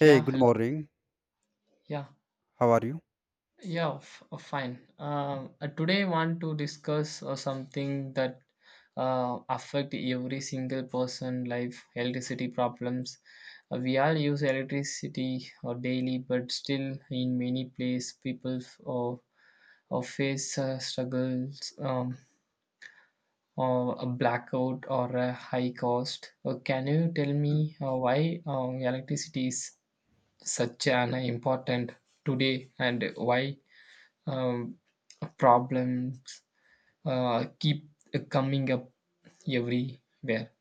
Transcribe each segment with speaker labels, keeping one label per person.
Speaker 1: Hey,
Speaker 2: Yeah,
Speaker 1: good
Speaker 2: hello.
Speaker 1: morning.
Speaker 2: Yeah,
Speaker 1: How are you?
Speaker 2: yeah, fine. Today, I want to discuss something that affect every single person life: electricity problems. We all use electricity daily, but still, in many places, people face struggles, or a blackout or a high cost. Can you tell me why electricity is such an important today and why? um, Problems keep coming up everywhere.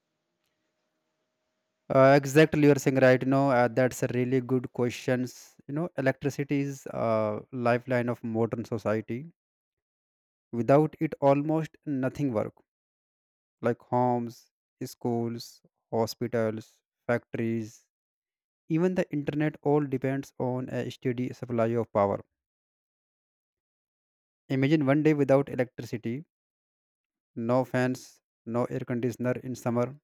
Speaker 1: Exactly, you're saying right. That's a really good questions. Electricity is a lifeline of modern society. Without it, almost nothing work like homes, schools, hospitals, factories, even the internet. All depends on a steady supply of power. Imagine one day without electricity, no fans, no air conditioner in summer,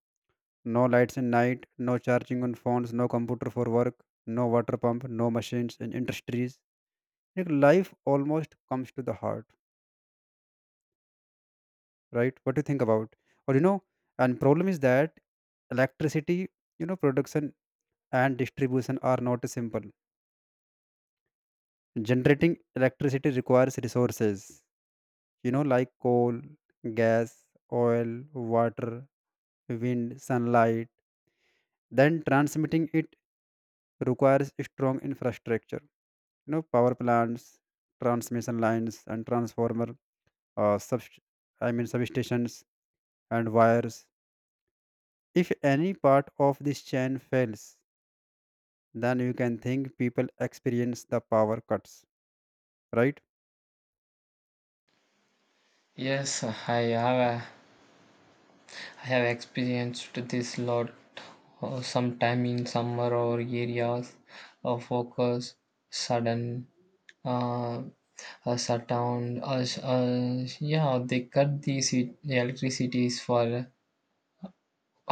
Speaker 1: no lights in night, no charging on phones, no computer for work, no water pump, no machines in industries. Like life almost comes to the heart, right? What do you think about? Or and problem is that electricity, production and distribution are not simple. Generating electricity requires resources, like coal, gas, oil, water, wind, sunlight. Then transmitting it requires strong infrastructure, power plants, transmission lines, and transformer, sub I mean substations, and wires. If any part of this chain fails, then you can think people experience the power cuts, right?
Speaker 2: Yes, have I have experienced this lot sometime in summer or areas of focus sudden uh, shut down. Yeah, they cut the electricities for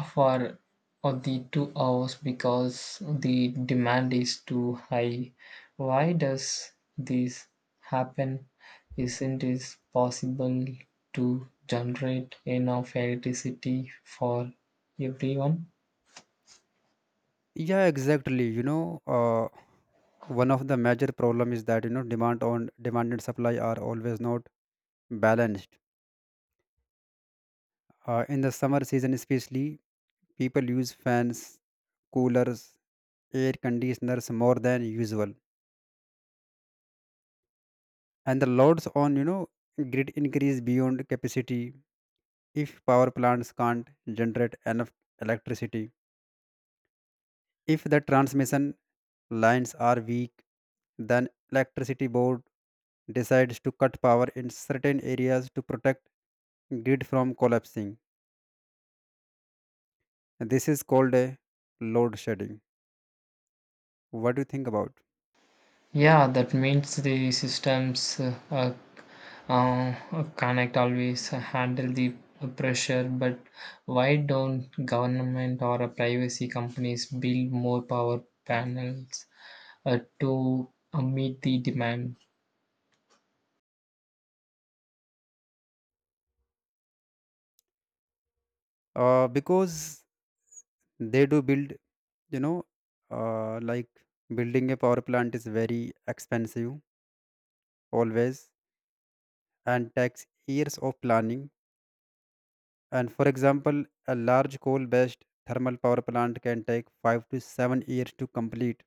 Speaker 2: for the 2 hours because the demand is too high. Why does this happen? Isn't it possible to generate enough electricity for everyone?
Speaker 1: Yeah, exactly. You know uh, one of the major problem is that demand on demand and supply are always not balanced. In the summer season especially, people use fans, coolers, air conditioners more than usual, and the loads on grid increase beyond capacity. If power plants can't generate enough electricity, if the transmission lines are weak, then electricity board decides to cut power in certain areas to protect grid from collapsing. This is called a load shedding. What do you think about?
Speaker 2: Yeah, that means the systems uh, connect always handle the pressure, but why don't government or privacy companies build more power panels to meet the demand.
Speaker 1: Because they do build. You know uh, like building a power plant is very expensive, always, and takes years of planning. And for example, a large coal based thermal power plant can take 5 to 7 years to complete.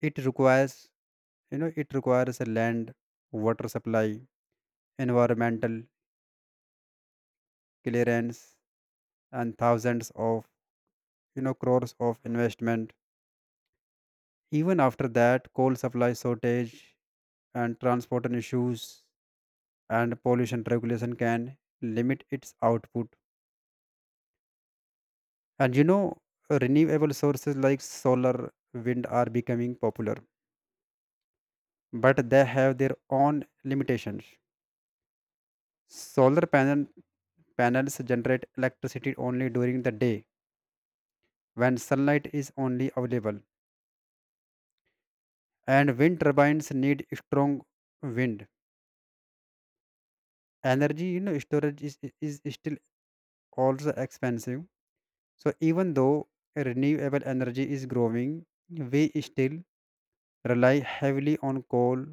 Speaker 1: It requires it requires a land, water supply, environmental clearance, and thousands of crores of investment. Even after that, coal supply shortage and transport and issues and pollution regulation can limit its output. And renewable sources like solar, wind are becoming popular, but they have their own limitations. Solar panels generate electricity only during the day when sunlight is only available, and wind turbines need strong wind. Energy, storage is still also expensive. So even though renewable energy is growing, we still rely heavily on coal,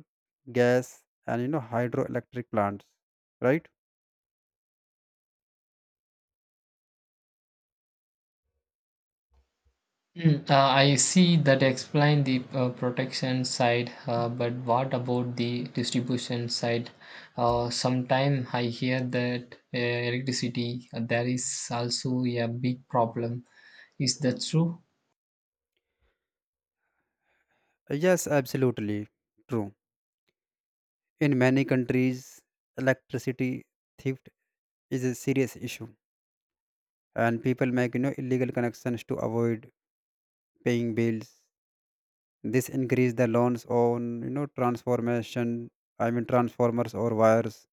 Speaker 1: gas, and hydroelectric plants, right?
Speaker 2: Mm, I see that explain the protection side, but what about the distribution side? Sometime I hear that electricity there is also a big problem. Is that true?
Speaker 1: Yes, absolutely true. In many countries, electricity theft is a serious issue, and people make illegal connections to avoid paying bills. This increase the loans on transformation, I mean transformers or wires,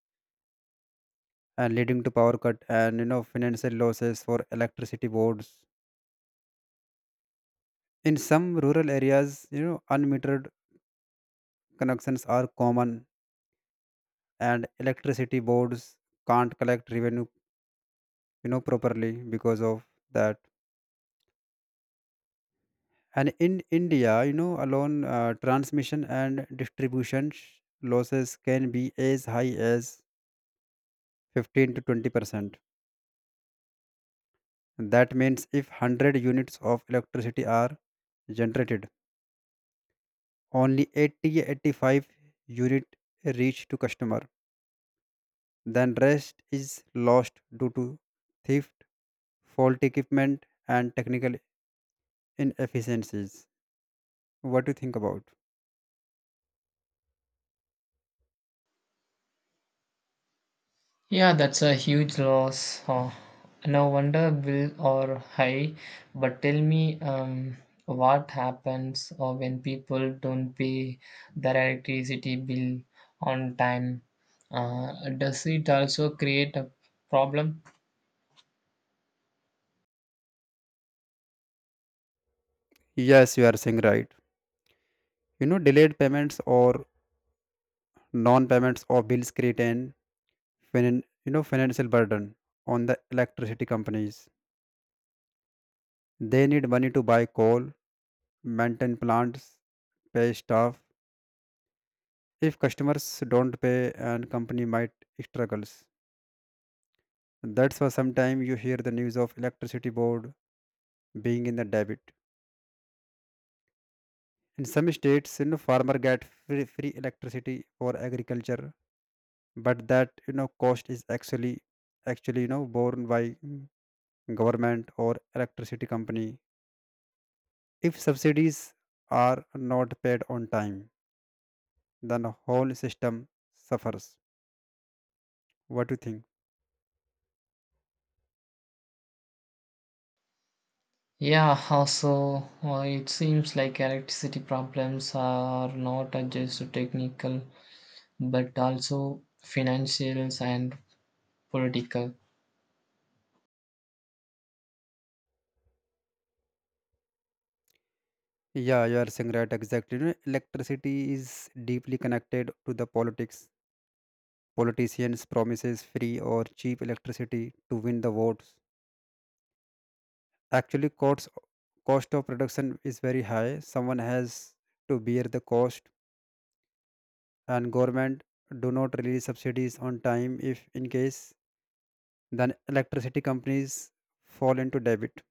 Speaker 1: and leading to power cut and financial losses for electricity boards. In some rural areas, unmetered connections are common, and electricity boards can't collect revenue properly because of that. And in india, alone, transmission and distribution losses can be as high as 15 to 20%. That means if 100 units of electricity are generated, only 80 85 unit reach to customer, then rest is lost due to theft, faulty equipment, and technical inefficiencies. What do you think about?
Speaker 2: Yeah, that's a huge loss. Oh, no wonder bill are high. But tell me, what happens when people don't pay their electricity bill on time? Does it also create a problem?
Speaker 1: Yes, you are saying right. Delayed payments or non-payments of bills create an financial burden on the electricity companies. They need money to buy coal, maintain plants, pay staff. If customers don't pay, and company might struggles. That's why sometimes you hear the news of electricity board being in the debit. In some states, farmer get free electricity for agriculture, but that cost is actually borne by government or electricity company. If subsidies are not paid on time, then the whole system suffers. What do you think?
Speaker 2: Yeah, also, it seems like electricity problems are not just technical, but also financial and political.
Speaker 1: Yeah, you are saying right, exactly. Electricity is deeply connected to the politics. Politicians promises free or cheap electricity to win the votes. Actually, cost of production is very high, someone has to bear the cost, and government do not release subsidies on time if in case, then electricity companies fall into debt,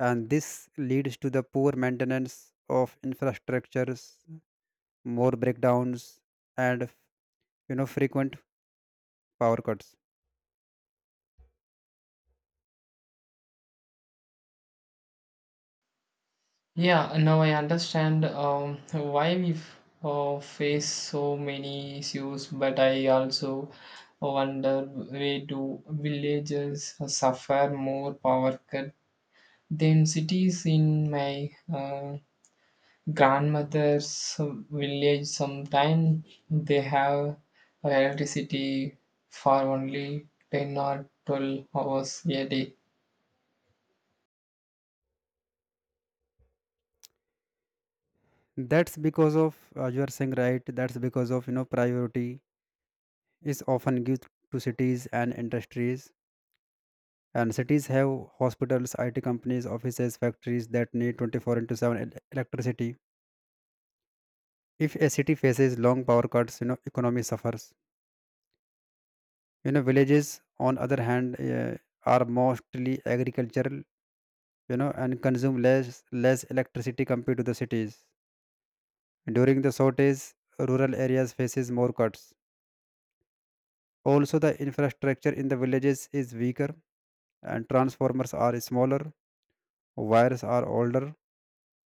Speaker 1: and this leads to the poor maintenance of infrastructures, more breakdowns, and frequent power cuts.
Speaker 2: Yeah, now I understand, why we face so many issues, but I also wonder why do villages suffer more power cut than cities in my grandmother's village. Sometimes they have electricity for only 10 or 12 hours a day.
Speaker 1: That's because of uh, you are saying right. That's because of you know priority is often given to cities and industries, and cities have hospitals, it companies, offices, factories that need 24 into 7 electricity. If a city faces long power cuts, economy suffers. Villages on other hand, are mostly agricultural, and consume less electricity compared to the cities. During the shortage, rural areas faces more cuts. Also, the infrastructure in the villages is weaker, and transformers are smaller, wires are older, you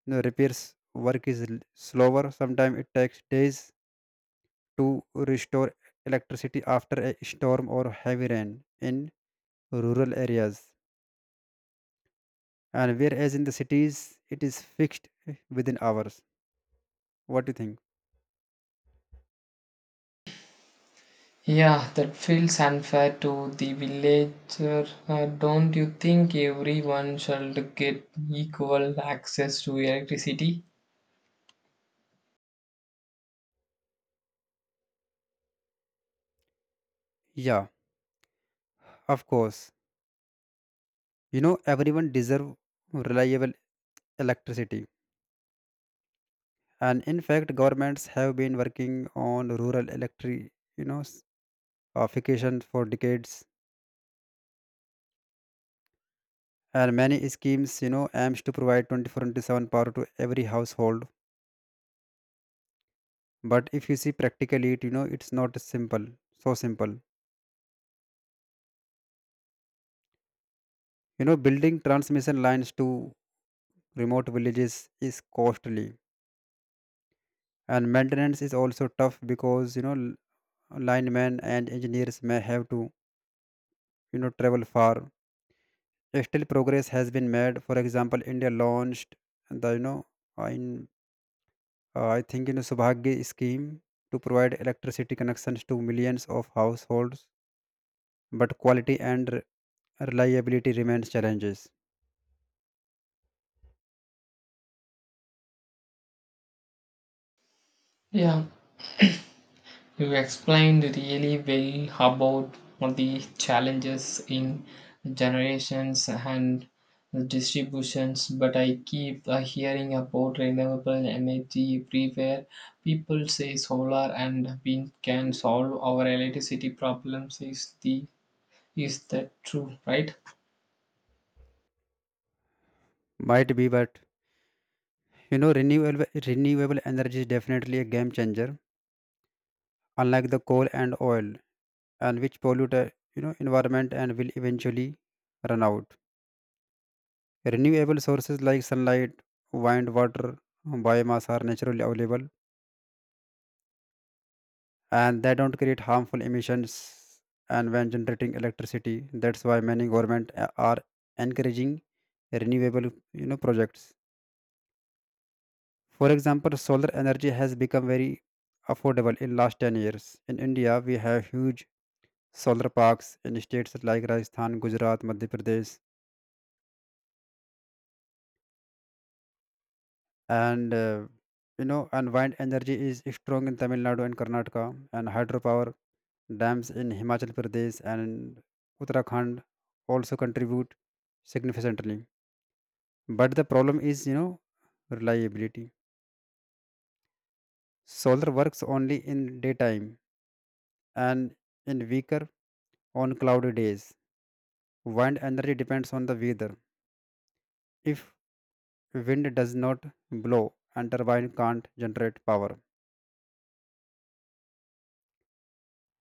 Speaker 1: know, repairs work is slower. Sometimes it takes days to restore electricity after a storm or heavy rain in rural areas, and whereas in the cities it is fixed within hours. What do you think?
Speaker 2: Yeah, that feels unfair to the villager. Don't you think everyone should get equal access to electricity?
Speaker 1: Yeah, of course. Everyone deserve reliable electricity, and in fact governments have been working on rural electric, you know s- fication for decades, and many schemes aims to provide 24 into 7 power to every household. But if you see practically, it you know it's not simple. So simple, building transmission lines to remote villages is costly, and maintenance is also tough because linemen and engineers may have to travel far. Still, progress has been made. For example, india launched the, you know in I think, subhagya scheme to provide electricity connections to millions of households, but quality and reliability remains challenges.
Speaker 2: Yeah, you explained really well about all the challenges in generations and distributions, but I keep hearing about renewable energy everywhere. People say solar and wind can solve our electricity problems. Is that true, right?
Speaker 1: Might be, but renewable energy is definitely a game changer, unlike the coal and oil, and which pollute the environment and will eventually run out. Renewable sources like sunlight, wind, water, biomass are naturally available, and they don't create harmful emissions and when generating electricity. That's why many government are encouraging renewable projects. For example, solar energy has become very affordable in last 10 years. In India, we have huge solar parks in states like Rajasthan, Gujarat, Madhya Pradesh, and you know and wind energy is strong in tamil nadu and karnataka, and hydropower dams in himachal pradesh and uttarakhand also contribute significantly. But the problem is, reliability. Solar works only in daytime, and in weaker on cloudy days. Wind energy depends on the weather. If wind does not blow, and turbine can't generate power.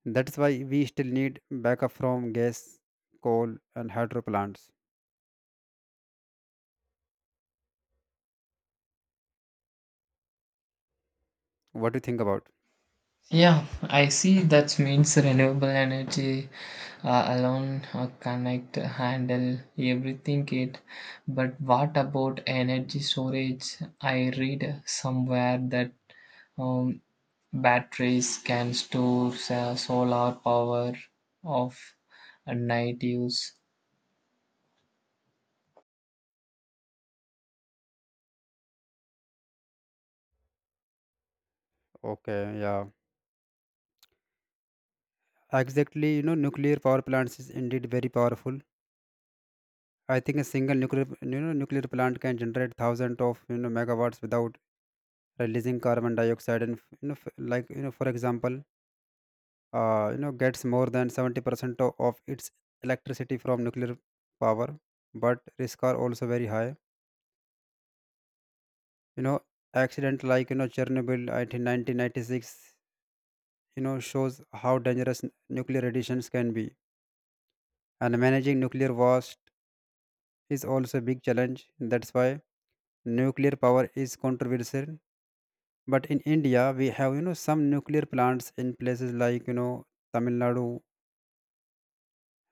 Speaker 1: That's why we still need backup from gas, coal, and hydro plants. What do you think about?
Speaker 2: Yeah, I see that means renewable energy alone cannot handle everything it. But what about energy storage? I read somewhere that, um, batteries can store solar power of a night use.
Speaker 1: Okay, yeah. Exactly. Nuclear power plants is indeed very powerful. I think a single nuclear plant can generate thousands of, megawatts without releasing carbon dioxide and, like, for example, gets more than 70% of its electricity from nuclear power, but risks are also very high. You know, accident like, Chernobyl in 1996, shows how dangerous nuclear radiations can be, and managing nuclear waste is also a big challenge. That's why nuclear power is controversial, but in india we have some nuclear plants in places like tamil nadu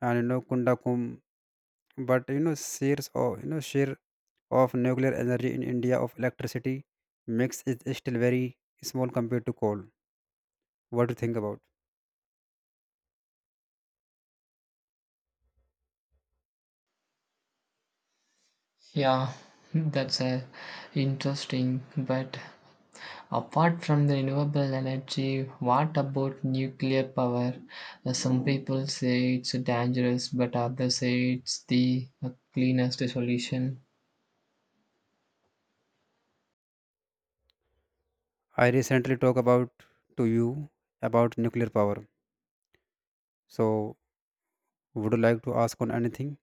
Speaker 1: and kundakum. But you know shares or you know share of nuclear energy in india of electricity mix is still very small compared to coal. What do you think about?
Speaker 2: Yeah, that's interesting, but apart from the renewable energy, what about nuclear power? Some people say it's dangerous, but others say it's the cleanest solution.
Speaker 1: I recently talked about to you about nuclear power, so would you like to ask on anything?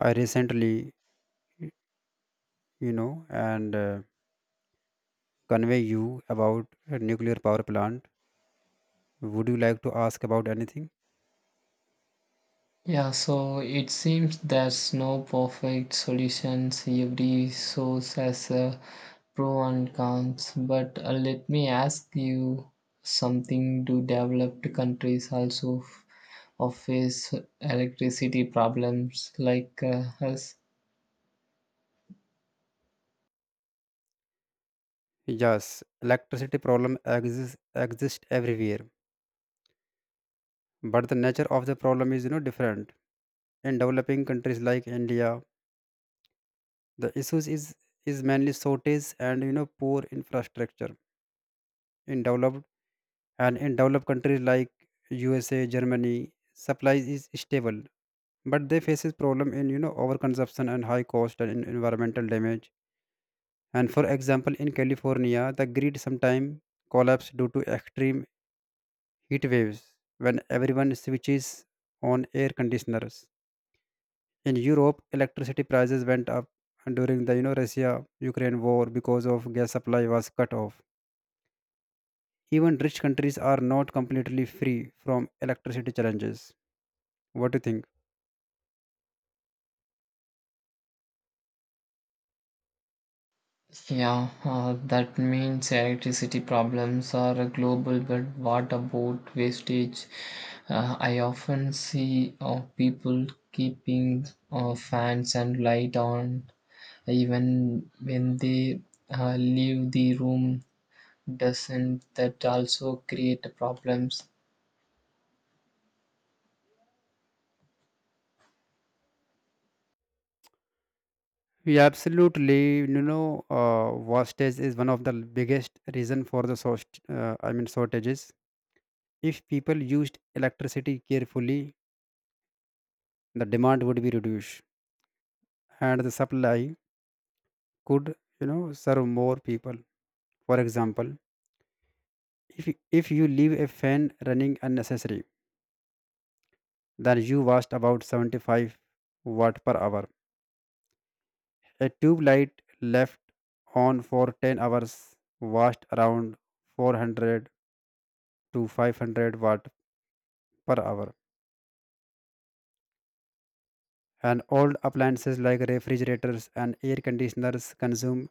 Speaker 1: I recently, you know, and convey you about a nuclear power plant. Would you like to ask about anything?
Speaker 2: Yeah, so it seems there's no perfect solutions. Every source has a pro and cons. But let me ask you something. Do developed countries also or face electricity problems like us?
Speaker 1: Yes, electricity problem exist everywhere, but the nature of the problem is different. In developing countries like India, the issues is mainly shortage and poor infrastructure. In developed in developed countries like usa, germany, supply is stable, but they faces problem in overconsumption and high cost and environmental damage. And for example, in california, the grid sometimes collapse due to extreme heat waves when everyone switches on air conditioners. In europe, electricity prices went up during the russia ukraine war because of gas supply was cut off. Even rich countries are not completely free from electricity challenges. What do you think?
Speaker 2: Yeah, that means electricity problems are global, but what about wastage? I often see people keeping fans and light on even when they leave the room. Doesn't that also create problems?
Speaker 1: Yeah, absolutely. Wastage is one of the biggest reason for the I mean shortages. If people used electricity carefully, the demand would be reduced, and the supply could, serve more people. For example, if if you leave a fan running unnecessary, then you waste about 75 watt per hour. A tube light left on for 10 hours washed around 400 to 500 watt per hour. And old appliances like refrigerators and air conditioners consume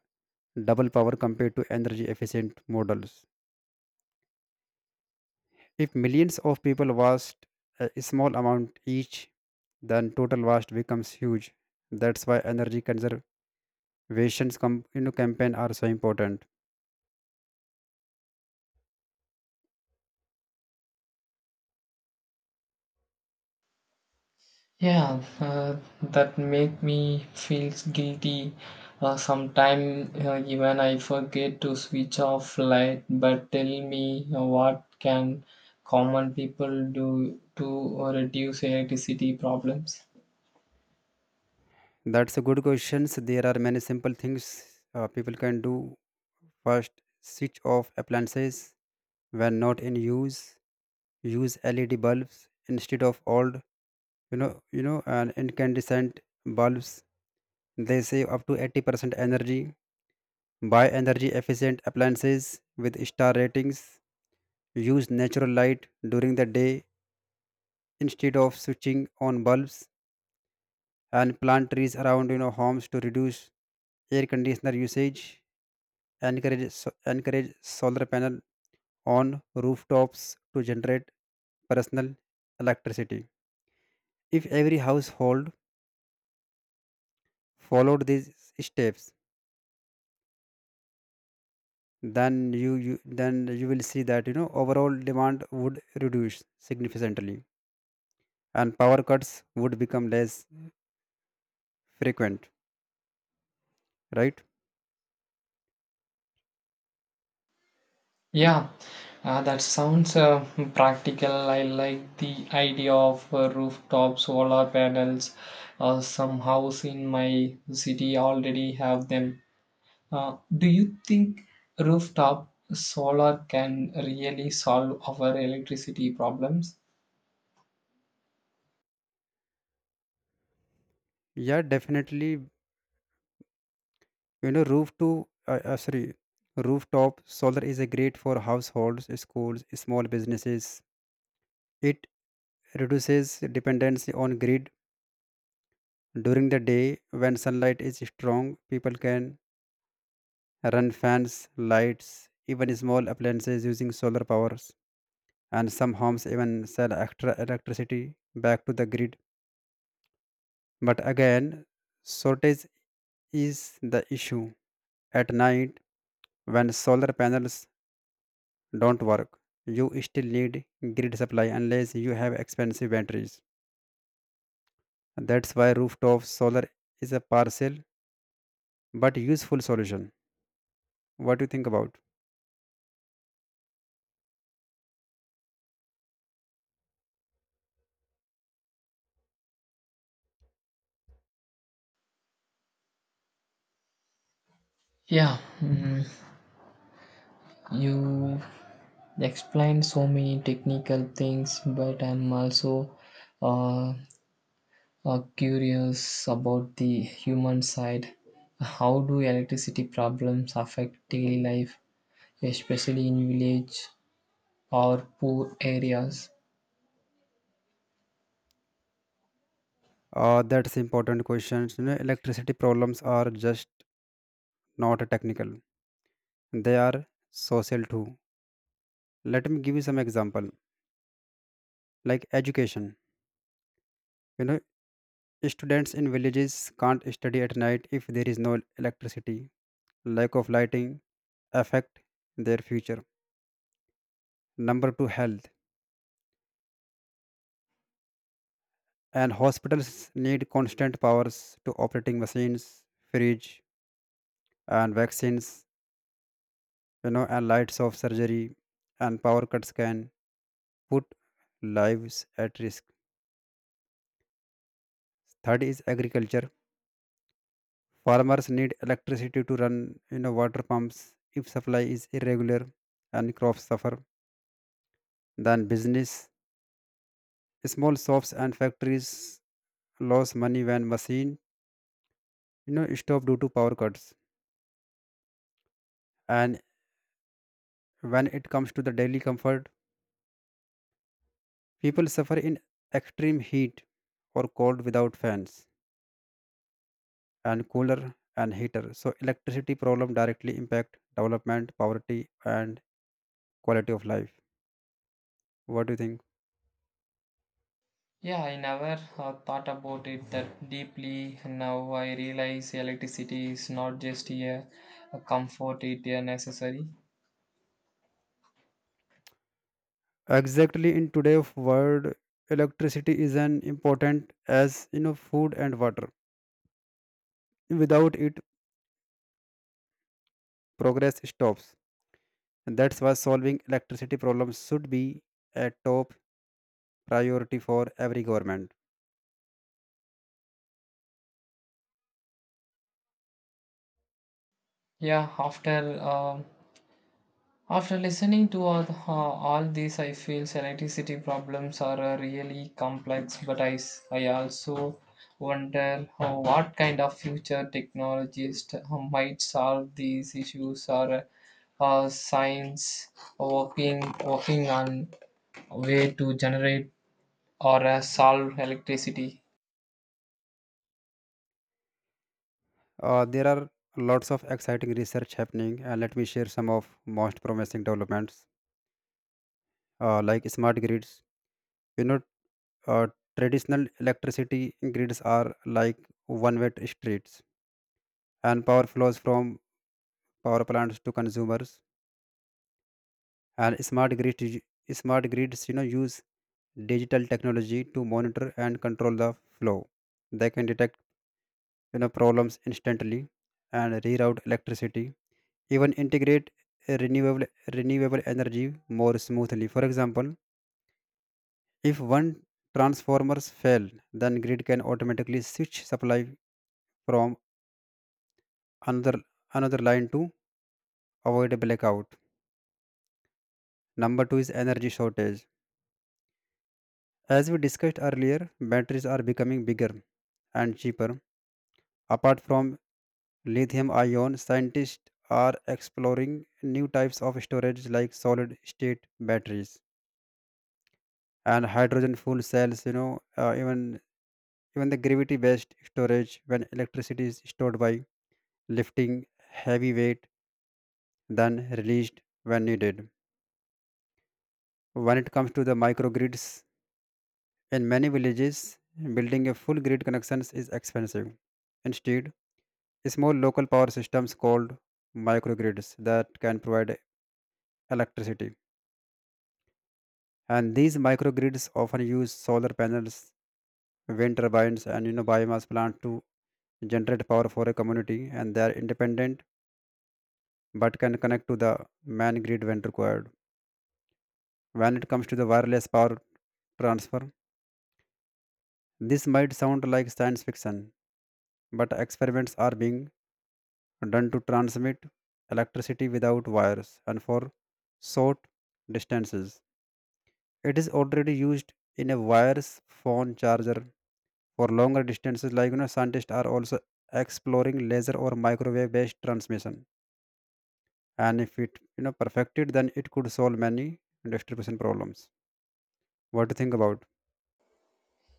Speaker 1: double power compared to energy efficient models. If millions of people washed a small amount each, then total waste becomes huge. That's why energy conservation campaign are so important.
Speaker 2: Yeah, that make me feel guilty. Sometime even I forget to switch off light. But tell me, what can common people do to reduce electricity problems?
Speaker 1: That's a good question. There are many simple things people can do. First, switch off appliances when not in use. Use LED bulbs instead of old, you know, and incandescent bulbs. They save up to 80% energy. Buy energy efficient appliances with star ratings. Use natural light during the day instead of switching on bulbs. And plant trees around, you know, homes to reduce air conditioner usage. Encourage encourage solar panel on rooftops to generate personal electricity. If every household followed these steps, then you will see that, you know, overall demand would reduce significantly and power cuts would become less frequent, right?
Speaker 2: Yeah, that sounds practical. I like the idea of rooftop solar panels. Some house in my city already have them. Do you think rooftop solar can really solve our electricity problems?
Speaker 1: Yeah, definitely. You know, roof to sorry rooftop solar is a great for households, schools, small businesses. It reduces dependency on grid. During the day, when sunlight is strong, people can run fans, lights, even small appliances using solar powers. And some homes even sell extra electricity back to the grid. But again, shortage is the issue. At night, when solar panels don't work, you still need grid supply unless you have expensive batteries. That's why rooftop solar is a partial but useful solution. What do you think about?
Speaker 2: Yeah, mm, you explained so many technical things, but I'm also uh, curious about the human side. How do electricity problems affect daily life, especially in village or poor areas?
Speaker 1: That's important questions. You know, electricity problems are just not technical; they are social too. Let me give you some example. Like education, you know, students in villages can't study at night if there is no electricity. Lack of lighting affect their future. Number 2, health and hospitals need constant powers to operating machines, fridge and vaccines, you know, and lights of surgery. And power cuts can put lives at risk. Third is agriculture. Farmers need electricity to run, you know, water pumps. If supply is irregular, and crops suffer. Then business, small shops and factories lose money when machine stop due to power cuts. And when it comes to the daily comfort, people suffer in extreme heat or cold without fans and cooler and heater. So electricity problem directly impact development, poverty, and quality of life. What do you think?
Speaker 2: Yeah, I never thought about it that deeply. Now I realize electricity is not just a comfort, it a necessary.
Speaker 1: Exactly, in today's world, electricity is an important as, you know, food and water. Without it, progress stops. That's why solving electricity problems should be a top priority for every government.
Speaker 2: Yeah, after listening to all this, I feel electricity problems are really complex. But I also wonder how what kind of future technologists might solve these issues or. Science working on a way to generate or a solve electricity.
Speaker 1: There are lots of exciting research happening, and let me share some of most promising developments, like smart grids. You know, uh, traditional electricity grids are like one-way streets, and power flows from power plants to consumers. And smart grids, you know, use digital technology to monitor and control the flow. They can detect, you know, problems instantly and reroute electricity, even integrate a renewable energy more smoothly. For example, if one transformers fail, then grid can automatically switch supply from another another line to avoid a blackout. Number 2 is energy shortage. As we discussed earlier, batteries are becoming bigger and cheaper. Apart from lithium ion, scientists are exploring new types of storage like solid state batteries and hydrogen fuel cells, you know, even the gravity based storage, when electricity is stored by lifting heavy weight, then released when needed. When it comes to the microgrids, in many villages, building a full grid connections is expensive. Instead, small local power systems called microgrids that can provide electricity. And these microgrids often use solar panels, wind turbines, and, you know, biomass plant to generate power for a community, and they are independent but can connect to the main grid when required. When it comes to the wireless power transfer, this might sound like science fiction, but experiments are being done to transmit electricity without wires. And for short distances, it is already used in a wireless phone charger. For longer distances, like, you know, scientists are also exploring laser or microwave-based transmission. And if it, you know, perfected, then it could solve many distribution problems. What do you think about?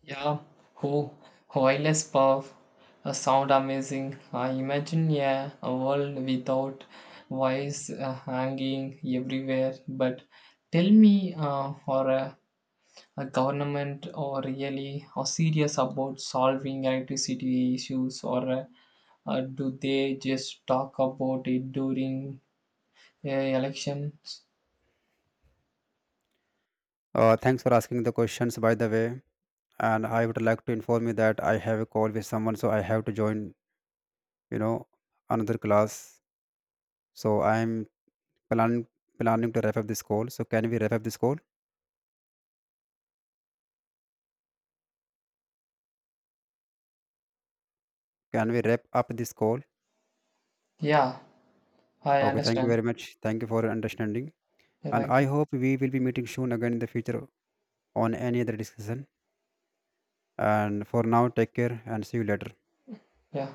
Speaker 2: Yeah, who wireless power sound amazing. I imagine, yeah, a world without wires hanging everywhere. But tell me, a government or really or serious about solving electricity issues or do they just talk about it during elections?
Speaker 1: Thanks for asking the questions, by the way. And I would like to inform you that I have a call with someone, so I have to join. You know, another class. So I'm planning planning to wrap up this call. So can we wrap up this call? Can we wrap up this call?
Speaker 2: Yeah, I
Speaker 1: Okay, thank you
Speaker 2: understand.
Speaker 1: very much. Thank you for your understanding.
Speaker 2: Yeah,
Speaker 1: And
Speaker 2: thank
Speaker 1: I
Speaker 2: you.
Speaker 1: hope we will be meeting soon again in the future. On any other discussion. And for now, take care and see you later.
Speaker 2: Yeah.